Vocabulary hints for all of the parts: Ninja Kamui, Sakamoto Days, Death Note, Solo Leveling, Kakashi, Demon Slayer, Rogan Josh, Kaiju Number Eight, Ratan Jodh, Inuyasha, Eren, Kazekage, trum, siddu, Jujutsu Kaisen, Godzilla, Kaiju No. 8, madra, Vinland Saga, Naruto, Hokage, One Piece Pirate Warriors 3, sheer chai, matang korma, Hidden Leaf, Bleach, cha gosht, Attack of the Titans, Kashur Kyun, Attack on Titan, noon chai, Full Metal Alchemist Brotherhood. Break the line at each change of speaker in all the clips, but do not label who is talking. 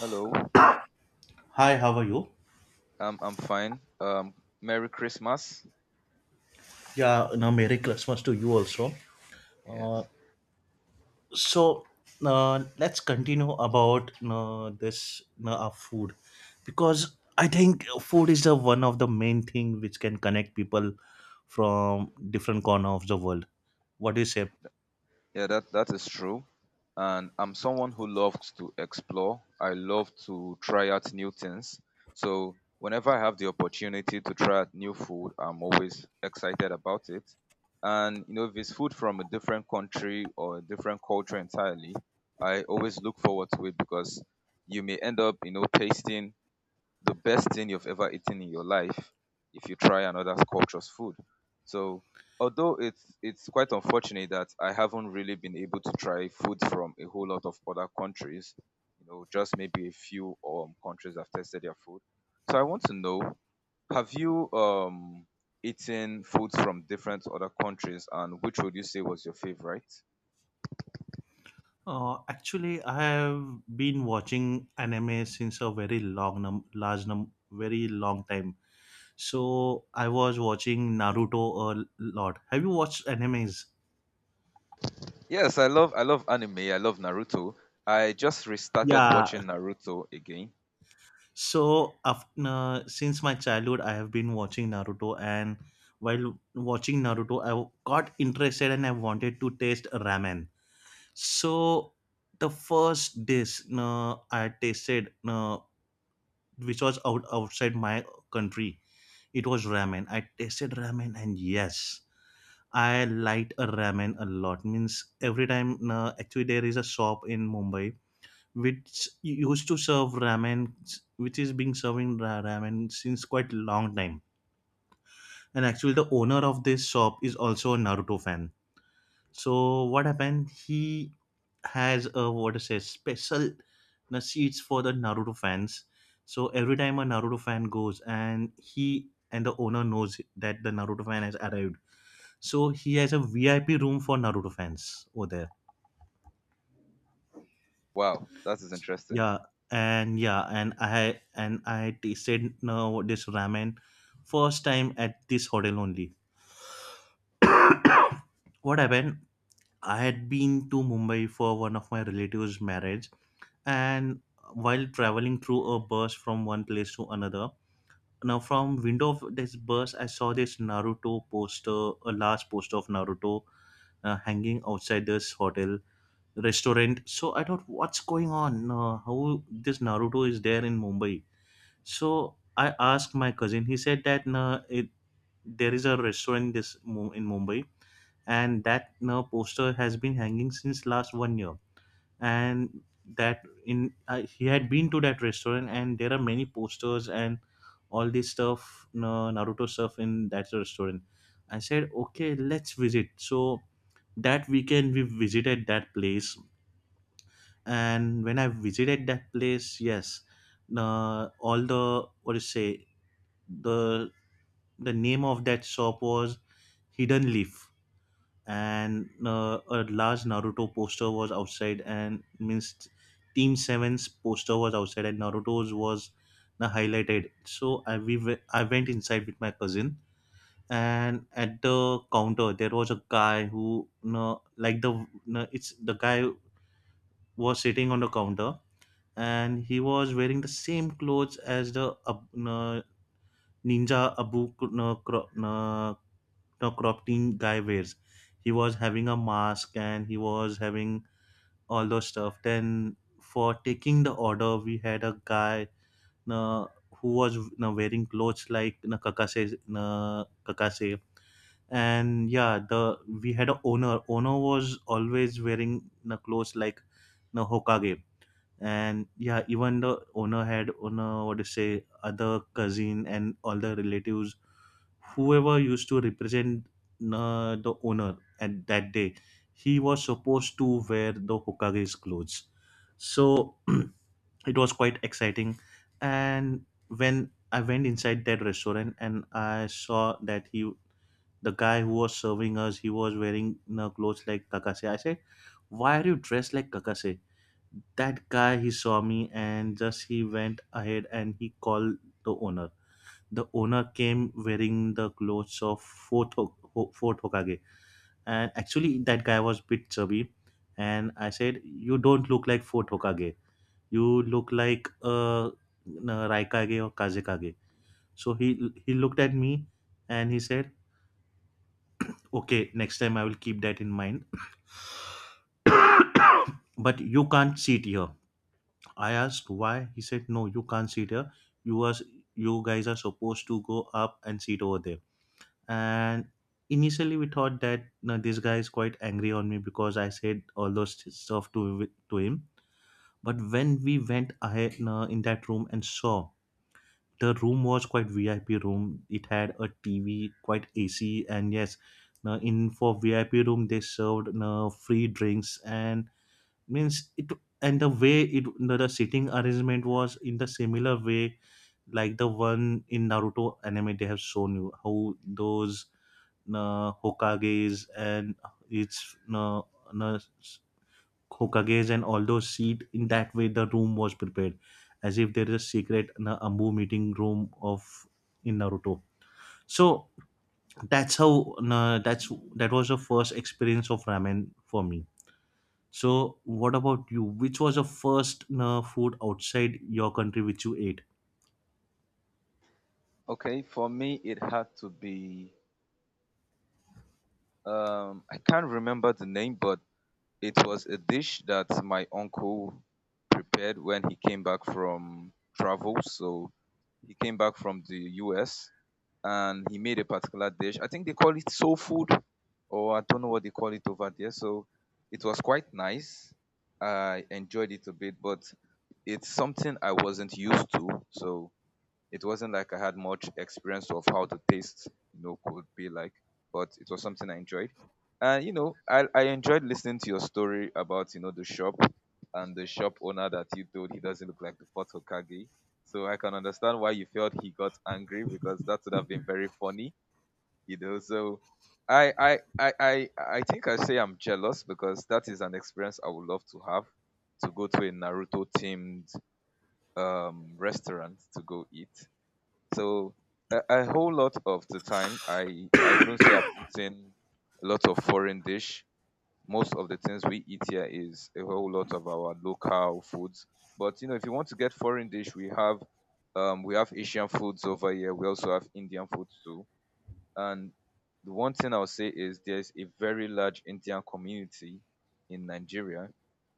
Hello.
Hi, how are you?
I'm fine. Merry Christmas.
Yeah, no, Merry Christmas to you also.
Yes.
So, let's continue about this our food, because I think food is the one of the main thing which can connect people from different corner of the world. What do you say?
Yeah, that is true. And I'm someone who loves to explore. I love to try out new things. So whenever I have the opportunity to try out new food, I'm always excited about it. And you know, if it's food from a different country or a different culture entirely, I always look forward to it because you may end up, you know, tasting the best thing you've ever eaten in your life if you try another culture's food. So although it's quite unfortunate that I haven't really been able to try food from a whole lot of other countries, you know, just maybe a few countries have tested their food. So I want to know, have you eaten foods from different other countries and which would you say was your favorite?
Actually, I have been watching anime since a very long, num- large, num- very long time. So I was watching Naruto a lot. Have you watched animes?
Yes, I love anime. I love Naruto. I just restarted
Yeah,
watching Naruto again.
so, since my childhood, I have been watching Naruto, and while watching Naruto, I got interested and I wanted to taste ramen. So, the first dish I tasted, outside my country, it was ramen. I tasted ramen, and yes, I liked a ramen a lot. Means every time, actually, there is a shop in Mumbai which used to serve ramen, which is being serving ramen since quite long time. And actually, the owner of this shop is also a Naruto fan. So what happened? He has a what to say special seats for the Naruto fans. So every time a Naruto fan goes, and he and the owner knows that the Naruto fan has arrived, so he has a VIP room for Naruto fans over there.
Wow, that is interesting.
Yeah, and yeah, and I tasted no this ramen first time at this hotel only. What happened? I had been to Mumbai for one of my relatives' marriage, and while traveling through a bus from one place to another, now from window of this bus, I saw this Naruto poster, a large poster of Naruto hanging outside this hotel restaurant. So I thought, what's going on? How this Naruto is there in Mumbai? So I asked my cousin. He said that no, it, there is a restaurant in this Mu- in Mumbai, and that no poster has been hanging since last 1 year. And that in I he had been to that restaurant, and there are many posters and all this stuff, no, Naruto stuff in that restaurant. I said, okay, let's visit. So that weekend we visited that place, and when I visited that place, yes, all the what do you say the the name of that shop was Hidden Leaf, and a large Naruto poster was outside, and means Team Seven's poster was outside and Naruto's was highlighted. So I I went inside with my cousin, and at the counter there was a guy who no like the no, it's the guy was sitting on the counter, and he was wearing the same clothes as the no, ninja abu no, the crop team guy wears. He was having a mask and he was having all those stuff. Then for taking the order, we had a guy uh, who was wearing clothes like kakase. And yeah, the we had a owner. Owner was always wearing clothes like Hokage, and yeah, even the owner had owner what to say other cousin and all the relatives whoever used to represent the owner at that day, he was supposed to wear the Hokage's clothes. So it was quite exciting, and when I went inside that restaurant and I saw that he the guy who was serving us, he was wearing, you know, clothes like kakase. I said, why are you dressed like kakase? That guy, he saw me and just he went ahead and he called the owner. The owner came wearing the clothes of fourth Hokage, and actually that guy was bit chubby, and I said, you don't look like fourth Hokage, you look like Raikage or Kazekage. So he looked at me and he said, okay, next time I will keep that in mind, but you can't sit here. I asked why. He said, "No, you can't sit here. You are you guys are supposed to go up and sit over there." And initially, we thought that no, this guy is quite angry on me because I said all those stuff to him. But when we went ahead no, in that room and saw, the room was quite VIP room. It had a TV, quite AC, and yes, no, in for VIP room they served no, free drinks and means it, and the way it the sitting arrangement was in the similar way like the one in Naruto anime, they have shown you how those Hokages and its Hokages and all those seat in that way the room was prepared as if there is a secret ambu meeting room of in Naruto. So that's how that was the first experience of ramen for me. So, what about you? Which was your first food outside your country which you ate?
Okay, for me it had to be I can't remember the name, but it was a dish that my uncle prepared when he came back from travel. So he came back from the US and he made a particular dish. I think they call it soul food, or I don't know what they call it over there. So it was quite nice. I enjoyed it a bit, but it's something I wasn't used to. So it wasn't like I had much experience of how the taste, you know, could be like, but it was something I enjoyed. And you know, I enjoyed listening to your story about, you know, the shop and the shop owner that you told he doesn't look like the fourth Hokage. So I can understand why you felt he got angry because that would have been very funny, you know. So I think I say I'm jealous because that is an experience I would love to have, to go to a Naruto themed restaurant to go eat. So a whole lot of the time, I wouldn't say I've eaten a lot of foreign dish. Most of the things we eat here is a whole lot of our local foods. But you know, if you want to get foreign dish, we have Asian foods over here. We also have Indian foods too. And the one thing I'll say is there's a very large Indian community in Nigeria,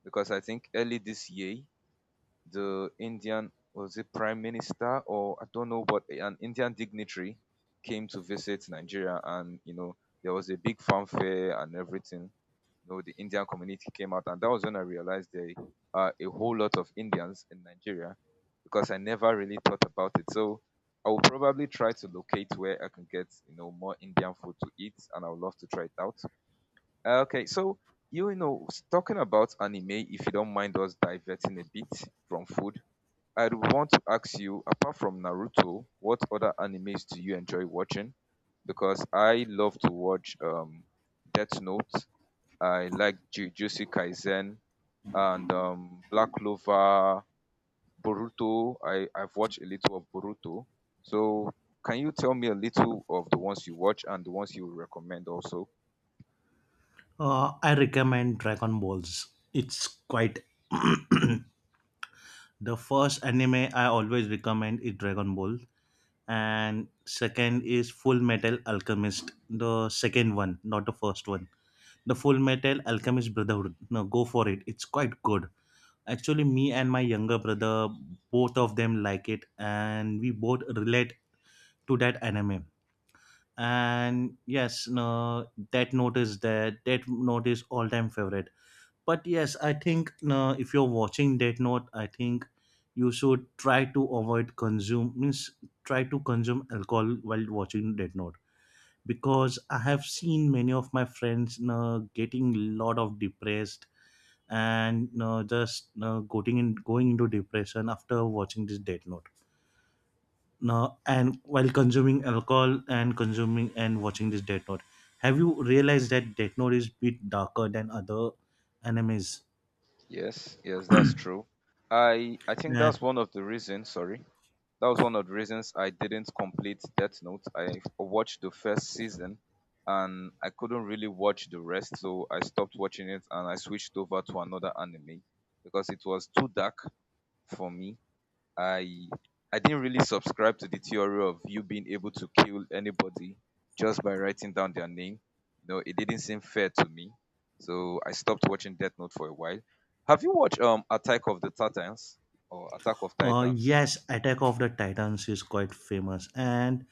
because I think early this year the Indian, was it prime minister or I don't know, but an Indian dignitary came to visit Nigeria, and you know there was a big fanfare and everything. You know the Indian community came out, and that was when I realized there are a whole lot of Indians in Nigeria because I never really thought about it. So I will probably try to locate where I can get you know more Indian food to eat, and I would love to try it out. Okay, so you know talking about anime, if you don't mind us diverting a bit from food, I want to ask you, apart from Naruto, what other animes do you enjoy watching? Because I love to watch Death Note. I like Jujutsu Kaisen and Black Clover, Boruto. I've watched a little of Boruto. So can you tell me a little of the ones you watch and the ones you recommend also?
I recommend Dragon Balls. It's quite the first anime I always recommend is Dragon Ball, and second is Full Metal Alchemist. The second one, not the first one. The Full Metal Alchemist Brotherhood. No, go for it. It's quite good. Actually, me and my younger brother, both of them like it, and we both relate to that anime, and yes, no, that note is there. That note is all-time favorite, but yes, I think, no, if you're watching that note, I think you should try to avoid consume means try to consume alcohol while watching that note, because I have seen many of my friends no, getting lot of depressed, and no, just no, going into depression after watching this Death Note now and while consuming alcohol and consuming and watching this Death Note. Have you realized that Death Note is bit darker than other animes?
Yes, yes, that's true. I think
Uh,
that's one of the reasons, sorry. That was one of the reasons I didn't complete Death Note. I watched the first season and I couldn't really watch the rest, so I stopped watching it and I switched over to another anime because it was too dark for me. I I didn't really subscribe to the theory of you being able to kill anybody just by writing down their name. You know, it didn't seem fair to me. So I stopped watching Death Note for a while. Have you watched Attack of the Titans or Attack of Titans?
yes, Attack of the Titans is quite famous, and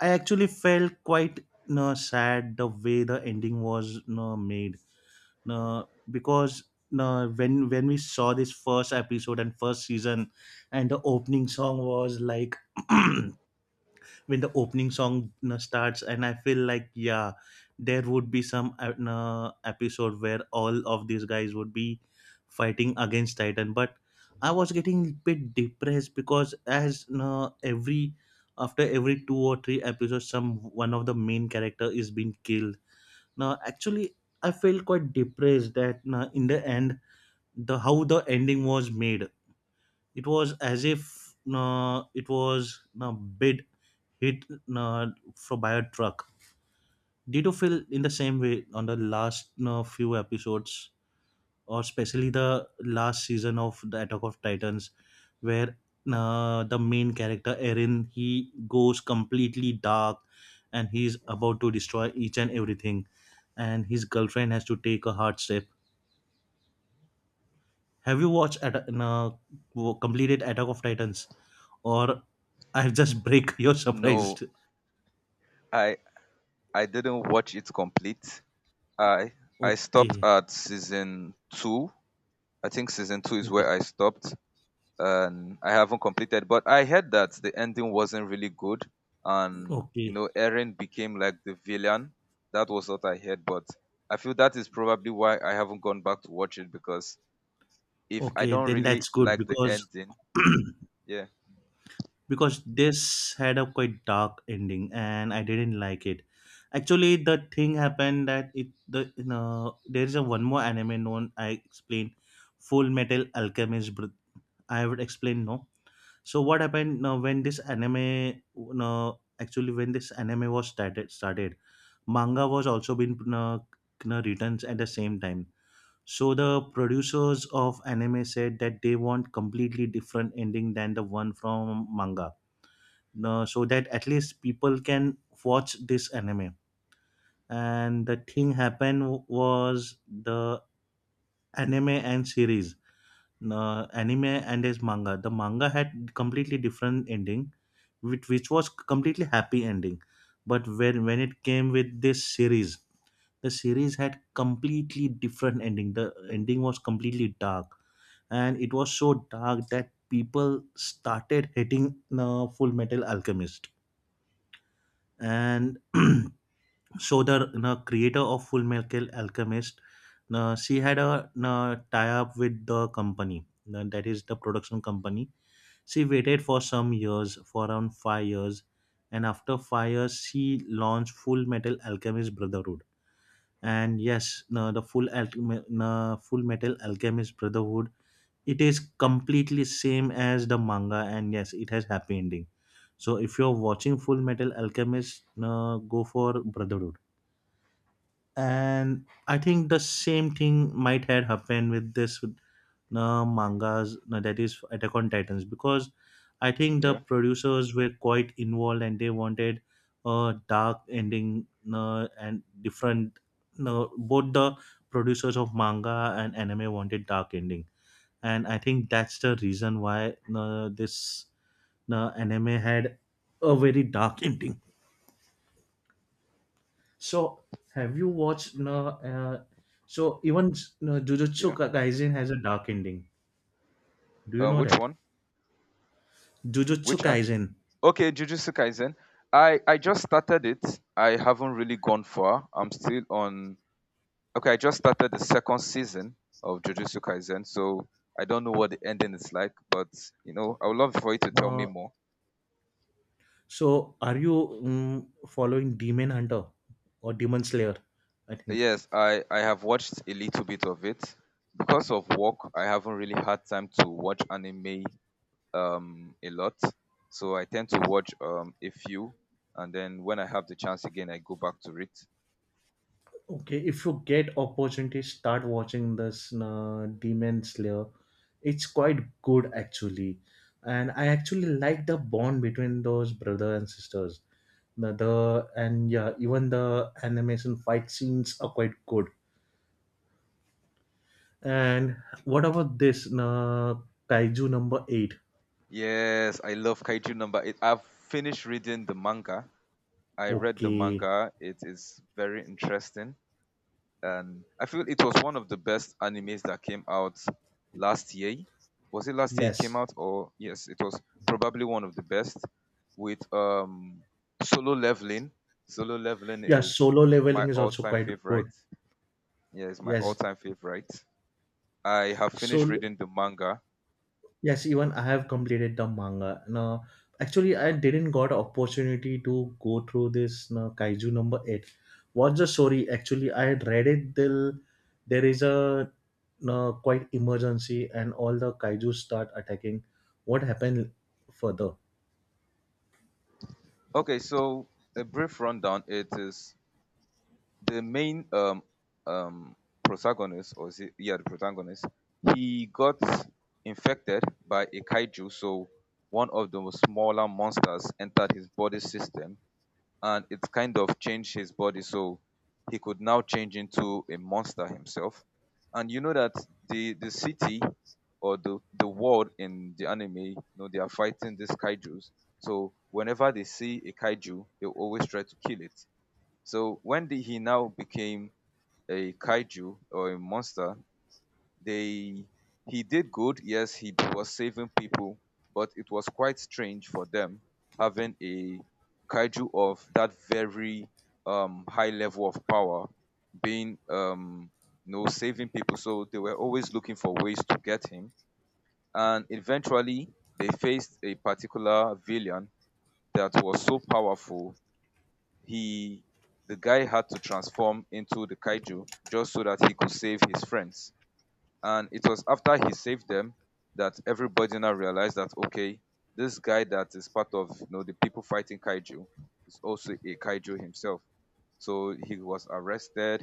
I actually felt quite, you know, sad the way the ending was, you know, made, no, because no when we saw this first episode and first season, and the opening song was like. When the opening song, you know, starts, and I feel like, yeah, there would be some you know, episode where all of these guys would be fighting against titan, but I was getting a bit depressed because, as you know, every after every two or three episodes some one of the main character is being killed, now actually, I felt quite depressed that you in the end, the how the ending was made, it was as if it was a bid hit uh, for by a truck. Did you feel in the same way on the last few episodes, or especially the last season of the Attack of Titans, where the main character Eren, he goes completely dark, and he's about to destroy each and everything, and his girlfriend has to take a hard step. Have you watched at completed Attack of Titans, or I've just break your
No,
surprised?
I I didn't watch it complete. I I stopped
Okay,
at season two. I think season two is
okay,
where I stopped, and I haven't completed. But I heard that the ending wasn't really good, and you
okay.
know, Eren became like the villain. That was what I heard, but I feel that is probably why I haven't gone back to watch it because if I
Okay,
don't
then
really
that's good
like the
because
ending, yeah,
because this had a quite dark ending and I didn't like it. Actually, the thing happened that it the, you know, there is a one more anime known I explained Full Metal Alchemist. I would explain no. So what happened now when this anime no actually when this anime was started manga was also been no no you written at the same time. So the producers of anime said that they want completely different ending than the one from manga. No, so that at least people can watch this anime. And the thing happened was the anime and series, no, anime and his manga. The manga had completely different ending, which was completely happy ending. But when it came with this series, the series had completely different ending. The ending was completely dark, and it was so dark that people started hating Full Metal Alchemist. And so the creator of Full Metal Alchemist, she had a tie-up with the company, that is the production company. She waited for some years, for around 5 years, and after 5 years, she launched Full Metal Alchemist Brotherhood. And yes, Full Metal Alchemist Brotherhood, it is completely same as the manga, and yes, it has happy ending. So if you're watching Full Metal Alchemist, go for Brotherhood. And I think the same thing might have happened with this mangas, that is Attack on Titans, because I think the
yeah,
producers were quite involved and they wanted a dark ending. And different, both the producers of manga and anime wanted dark ending. And I think that's the reason why this anime had a very dark ending. So have you watched so even jujutsu
yeah.
Ka- kaisen has a dark ending, do you know
Which
that?
one?
Jujutsu
Which
Kaisen.
Okay, Jujutsu Kaisen. I just started it. I haven't really gone far. I'm still on. Okay, I just started the second season of Jujutsu Kaisen, so I don't know what the ending is like. But you know, I would love for you to tell me
uh,
more.
so are you following Demon Hunter or Demon Slayer, I think?
Yes, I have watched a little bit of it. Because of work, I haven't really had time to watch anime a lot. So I tend to watch a few, and then when I have the chance again, I go back to it.
Okay, if you get opportunity, start watching this Demon Slayer. It's quite good actually, and I actually like the bond between those brother and sisters. The and yeah, even the animation fight scenes are quite good. And what about this Kaiju Number Eight?
Yes, I love Kaiju number 8. I've finished reading the manga. I read the
Okay,
manga. It is very interesting. And I feel it was one of the best animes that came out last year. Was it last year it came
yes,
out? Or yes, it was probably one of the best with Solo Leveling. Solo Leveling
yeah.
is
Solo
my
Leveling is also
all-time
quite good.
favorite. Yes, my
Yes,
all-time favorite. I have finished
solo.
reading the manga.
Yes, even I have completed the manga. No, actually, I didn't got opportunity to go through this no, Kaiju Number Eight. What's the story? Actually, I had read it till there is a no, quite emergency and all the Kaiju start attacking. What happened further?
Okay, so a brief rundown. It is the main um protagonist, or is it, yeah, the protagonist, he got infected by a kaiju. So one of the smaller monsters entered his body system and it kind of changed his body, so he could now change into a monster himself. And you know that the city, or the world in the anime, you know they are fighting these kaijus, so whenever they see a kaiju they will always try to kill it. So he now became a kaiju or a monster, they he did good. Yes, he was saving people, but it was quite strange for them, having a kaiju of that very high level of power being you know saving people. So they were always looking for ways to get him, and eventually they faced a particular villain that was so powerful, he the guy had to transform into the kaiju just so that he could save his friends. And it was after he saved them that everybody now realized that okay, this guy that is part of you know the people fighting kaiju is also a kaiju himself. So he was arrested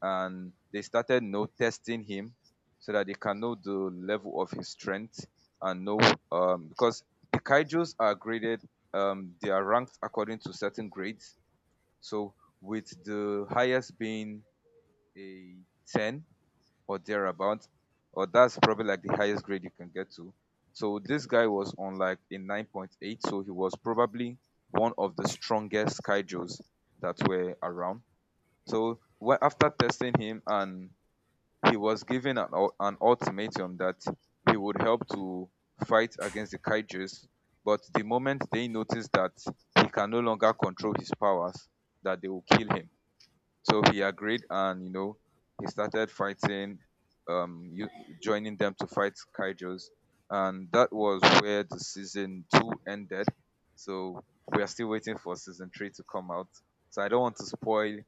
and they started you know, testing him so that they can know the level of his strength and know because the kaijus are graded, they are ranked according to certain grades, so with the highest being a 10 or thereabout, or that's probably like the highest grade you can get to. So this guy was on like a 9.8, so he was probably one of the strongest kaijus that were around. So after testing him, and he was given an, an ultimatum that he would help to fight against the kaijus, but the moment they noticed that he can no longer control his powers, that they will kill him. So he agreed, and you know, he started fighting, um, you, joining them to fight kaijus, and that was where the season two ended. So we are still waiting for season three to come out. So I don't want to spoil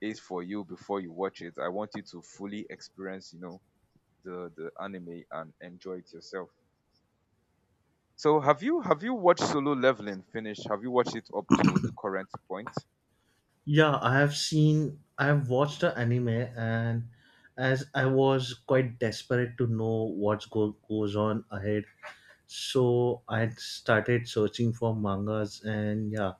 it for you before you watch it. I want you to fully experience, you know, the anime and enjoy it yourself. So have you watched Solo Leveling finish? Have you watched it up to the current point?
Yeah, I have seen, I have watched the anime, and as I was quite desperate to know what's go goes on ahead, so I had started searching for mangas, and yeah,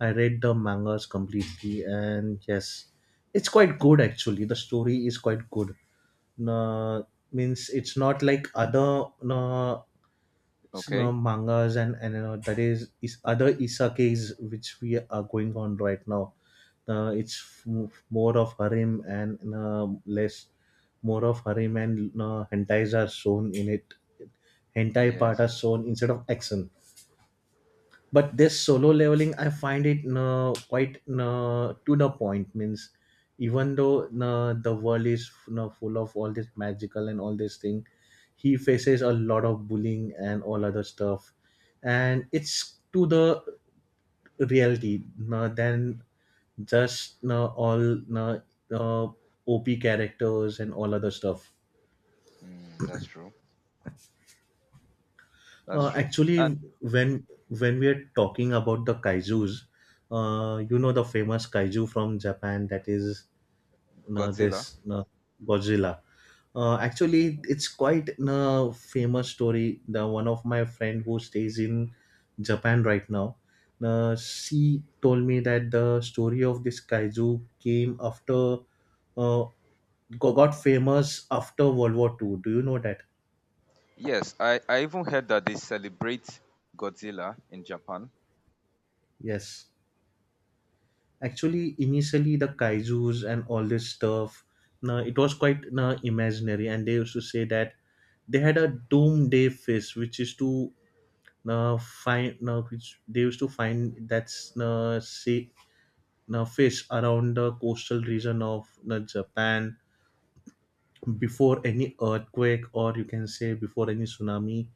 I read the mangas completely, and yes, it's quite good actually. The story is quite good. Uh, Means it's not like other uh,
Okay.
mangas, and that is other isakes which we are going on right now. It's more of harem and less more of harem and hentais are shown in it. Hentai part
Yes.
are shown instead of action. But this Solo Leveling, I find it no, quite no, to the point, means even though no, the world is no, full of all this magical and all this thing, he faces a lot of bullying and all other stuff, and it's to the reality no, than just no, all no, uh, op characters and all other stuff.
Mm, that's true. That's true.
Actually,
And
when we are talking about the Kaiju's, you know the famous kaiju from Japan, that is you
Godzilla.
this you Godzilla. Actually, it's quite a famous story. The one of my friend who stays in Japan right now, she told me that the story of this kaiju came after uh, got famous after World War Two. Do you know that?
Yes, I even heard that they celebrate Godzilla in Japan.
Yes. Actually, initially the kaiju's and all this stuff, no, it was quite imaginary, and they used to say that they had a doomsday fish, which is to which they used to find, that's say, fish around the coastal region of Japan before any earthquake, or you can say before any tsunami,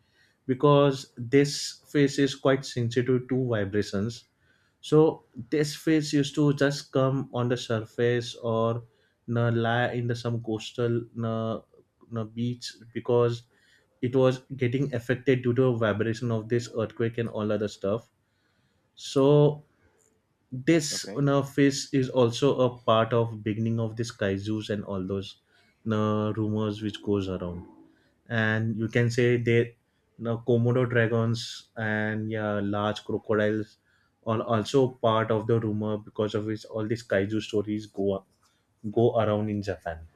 because this fish is quite sensitive to vibrations. So this fish used to just come on the surface or na lie in the some coastal na, na beach, because it was getting affected due to vibration of this earthquake and all other stuff. So this
Okay.
na fish is also a part of beginning of this kaijus and all those na rumors which goes around. And you can say they the komodo dragons and yeah, large crocodiles are also part of the rumor, because of which all these kaiju stories go around in Japan.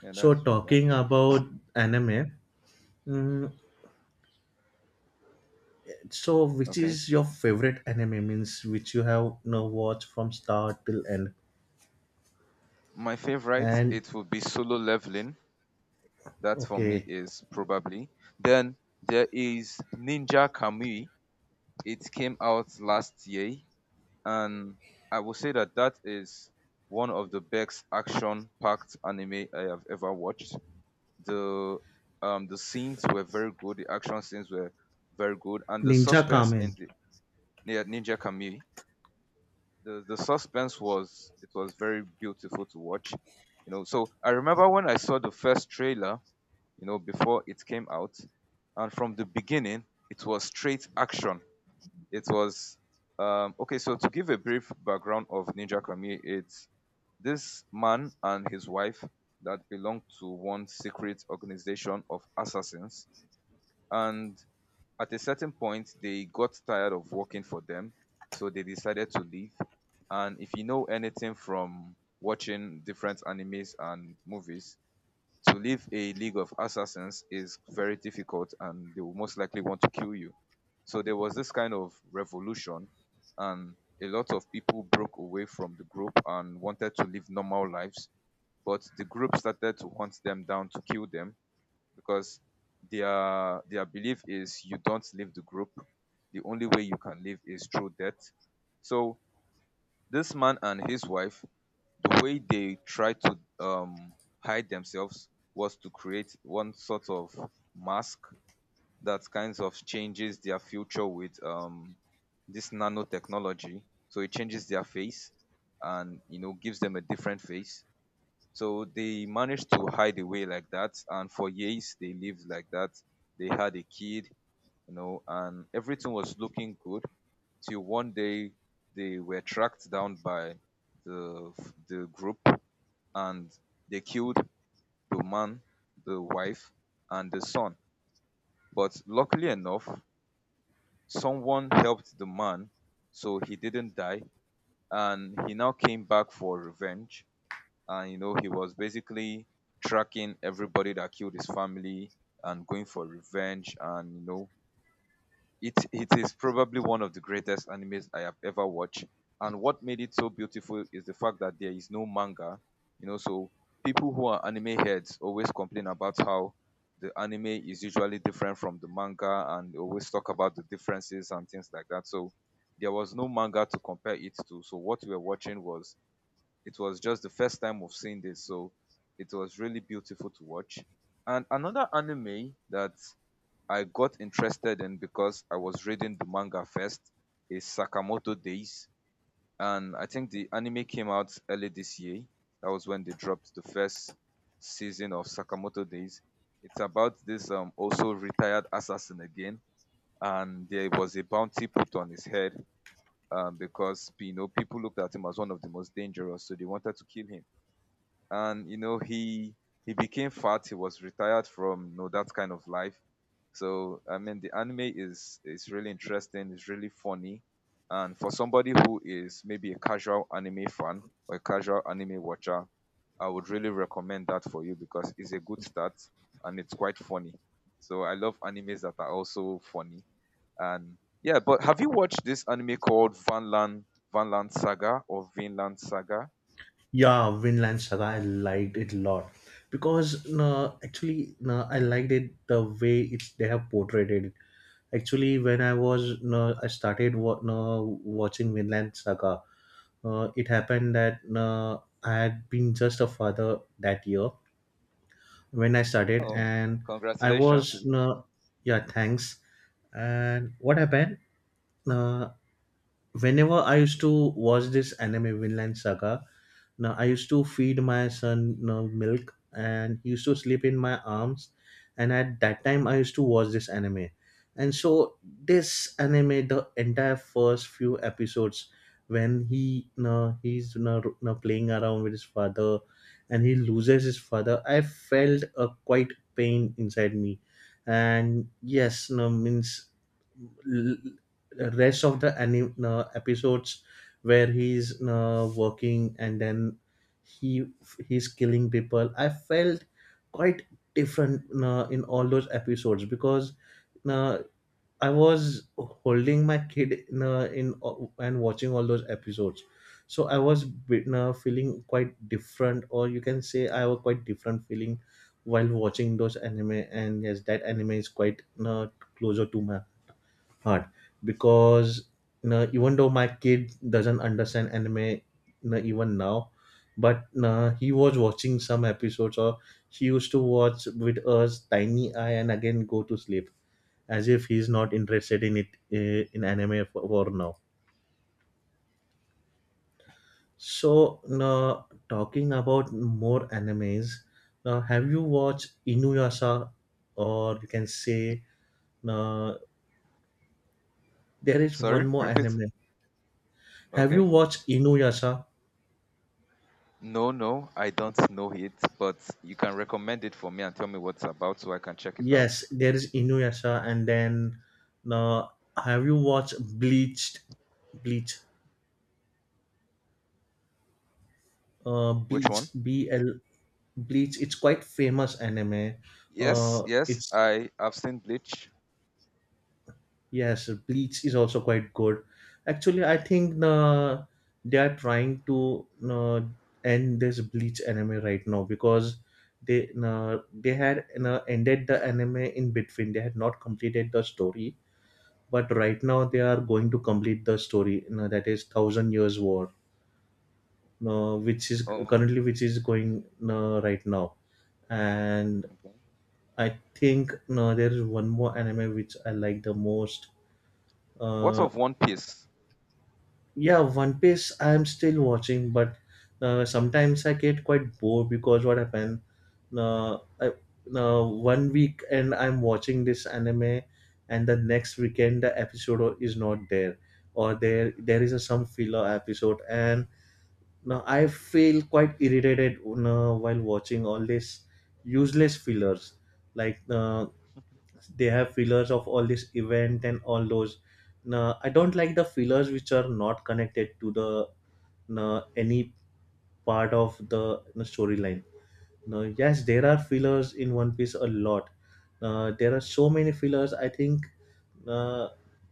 Yeah,
So
that's true. That's
talking
true.
about anime, mm, so which
Okay.
is your favorite anime, means which you have now watched from start till end?
My favorite,
And
it would be Solo Leveling. That for me
okay,
is probably. Then there is Ninja Kamui. It came out last year and I will say that that is one of the best action-packed anime I have ever watched. The the scenes were very good, the action scenes were very good, and the
Ninja
suspense
Kamen.
in the Ninja Kamui, the suspense was, it was very beautiful to watch. You know, so I remember when I saw the first trailer, you know, before it came out, and from the beginning it was straight action. It was okay. So to give a brief background of Ninja Kami, it's this man and his wife that belonged to one secret organization of assassins, and at a certain point they got tired of working for them, so they decided to leave. And if you know anything from watching different animes and movies, to leave a league of assassins is very difficult and they will most likely want to kill you. So there was this kind of revolution and a lot of people broke away from the group and wanted to live normal lives, but the group started to hunt them down to kill them because their belief is you don't leave the group. The only way you can live is through death. So, this man and his wife, the way they tried to hide themselves was to create one sort of mask that kind of changes their future with this nanotechnology. So it changes their face and gives them a different face. So they managed to hide away like that, and for years they lived like that. They had a kid, and everything was looking good till one day they were tracked down by the the group, and they killed the man, the wife, and the son. But luckily enough, someone helped the man, so he didn't die, and he now came back for revenge. And he was basically tracking everybody that killed his family and going for revenge and you know It is probably one of the greatest animes I have ever watched. And what made it so beautiful is the fact that there is no manga. So people who are anime heads always complain about how the anime is usually different from the manga, and they always talk about the differences and things like that. So there was no manga to compare it to. So what we were watching was just the first time of seeing this, so it was really beautiful to watch. And another anime that I got interested in because I was reading the manga first is Sakamoto Days. And I think the anime came out early this year. That was when they dropped the first season of Sakamoto Days. It's about this also retired assassin again, and there was a bounty put on his head, because people looked at him as one of the most dangerous, so they wanted to kill him, and he became fat. He was retired from that kind of life. So I mean, the anime is really interesting. It's really funny. And for somebody who is maybe a casual anime fan or a casual anime watcher, I would really recommend that for you because it's a good start and it's quite funny. So I love animes that are also funny. And yeah, but have you watched this anime called Vanland Saga, or Vinland Saga?
Yeah, Vinland Saga, I liked it a lot because actually I liked it the way it's they have portrayed it. Actually, when I was I started watching Vinland Saga, it happened that I had been just a father that year when I started,
Oh,
and I was
congratulations.
yeah, thanks. And what happened? Uh, Whenever I used to watch this anime Vinland Saga, now I used to feed my son, you know, milk, and he used to sleep in my arms. And at that time, I used to watch this anime. And so, this anime, the entire first few episodes, when he, you know, he's, you know, playing around with his father and he loses his father, I felt a quite pain inside me. And yes, you know, means rest of the episodes where he's working and then he he's killing people, I felt quite different in all those episodes because uh, I was holding my kid in, and watching all those episodes, so I was feeling quite different, or you can say I was quite different feeling while watching those anime. And yes, that anime is quite closer to my hard because, you know, even though my kid doesn't understand anime, you know, even now, but he was watching some episodes, or he used to watch with us tiny eye and again go to sleep, as if he's not interested in it in anime for now. So talking about more animes, have you watched Inuyasha, or you can say uh, there is one
Sorry,
more
repeat.
anime, have you
Okay.
watched Inuyasha?
No, no, I don't know it, but you can recommend it for me and tell me what's about so I can check it out.
Yes, there is Inuyasha, and then uh, have you watched Bleached? Bleach,
Which one?
Bleach, B L. Bleach. It's quite famous anime.
Yes, yes,
It's
I have seen Bleach.
yes, Bleach is also quite good. Actually, I think they are trying to end this Bleach anime right now because they had ended the anime in between. They had not completed the story, but right now they are going to complete the story, you know, that is Thousand Years War, which is
Oh,
currently which is going right now. And
okay.
I think no, there is one more anime which I like the most.
What
uh,
of One Piece?
yeah, One Piece I am still watching, but sometimes I get quite bored because what happens, uh, I, 1 week and I'm watching this anime, and the next weekend the is not there, or there is a, some filler episode, and now I feel quite irritated you while watching all these useless fillers. Like they have fillers of all this event and all those. Now I don't like the fillers which are not connected to the any part of the you storyline no, yes, there are fillers in One Piece a lot. There are so many fillers. I think uh,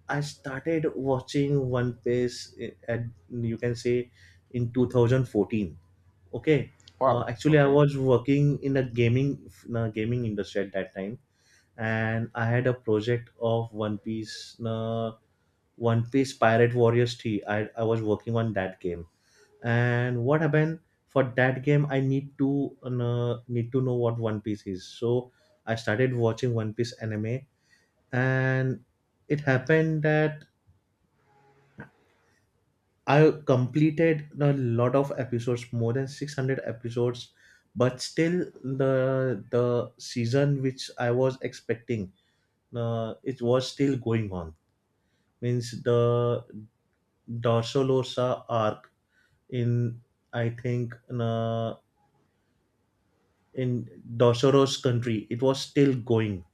I started watching One Piece at you can say in 2014. Okay,
Wow.
actually I
Okay.
was working in a gaming industry at that time, and I had a project of One Piece, One Piece Pirate Warriors 3. I was working on that game. And what happened, for that game I need to need to know what One Piece is, so I started watching One Piece anime. And it happened that I completed a lot of episodes, more than 600 episodes, but still the season which I was expecting it was still going on, means the Dorsolosa arc in, I think uh, in Dosoro's country, it was still going,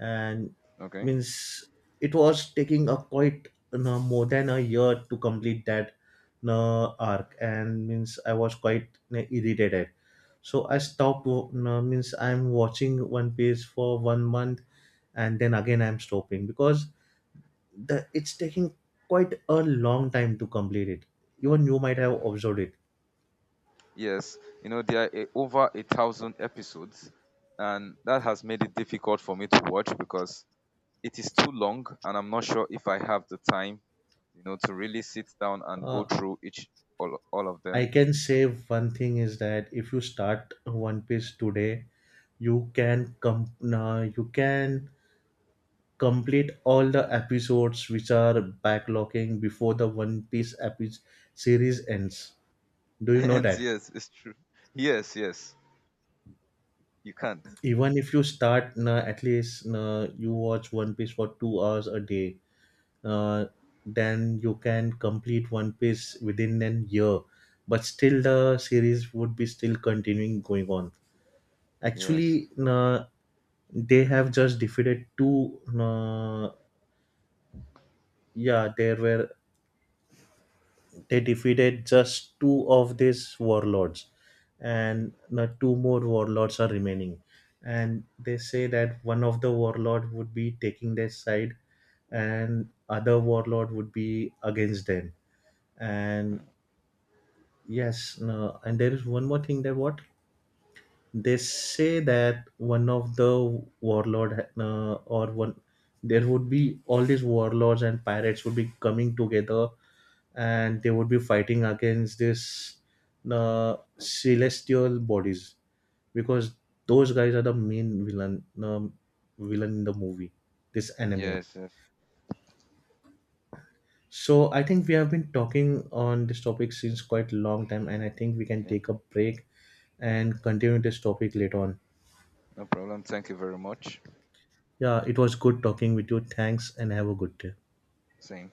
and
Okay.
means it was taking a quite, you know, more than a year to complete that, you know, arc, and means I was quite, you know, irritated. So I stopped. You know, means I'm watching One Piece for 1 month, and then again I'm stopping because the it's taking quite a long time to complete it. Even you might have observed it.
Yes, you know there are over 1,000 episodes, and that has made it difficult for me to watch because it is too long and I'm not sure if I have the time, to really sit down and go
Uh,
through each all of
I
them.
can say one thing is that if you start One Piece today, you can you can complete all the episodes which are backlogging before the One Piece series ends. Do you know
And
that?
yes, it's true. Yes, yes. You can't.
Even if you start at least you watch One Piece for 2 hours a day, uh, then you can complete One Piece within an year. But still, the series would be still continuing going on.
Yes.
Actually, they have just defeated two. Yeah, there were they defeated just two of these warlords, and two more warlords are remaining. And they say that one of the warlord would be taking their side, and other warlord would be against them. And yes, no, and there is one more thing that what they say that one of the warlord or one, there would be all these warlords and pirates would be coming together, and they would be fighting against this celestial bodies, because those guys are the main villain in the movie this anime.
Yes, yes.
So I think we have been talking on this topic since quite a long time, and I think we can
Yeah.
take a break and continue this topic later on.
No problem. Thank you very much.
Yeah, it was good talking with you. Thanks, and have a good day.
Same.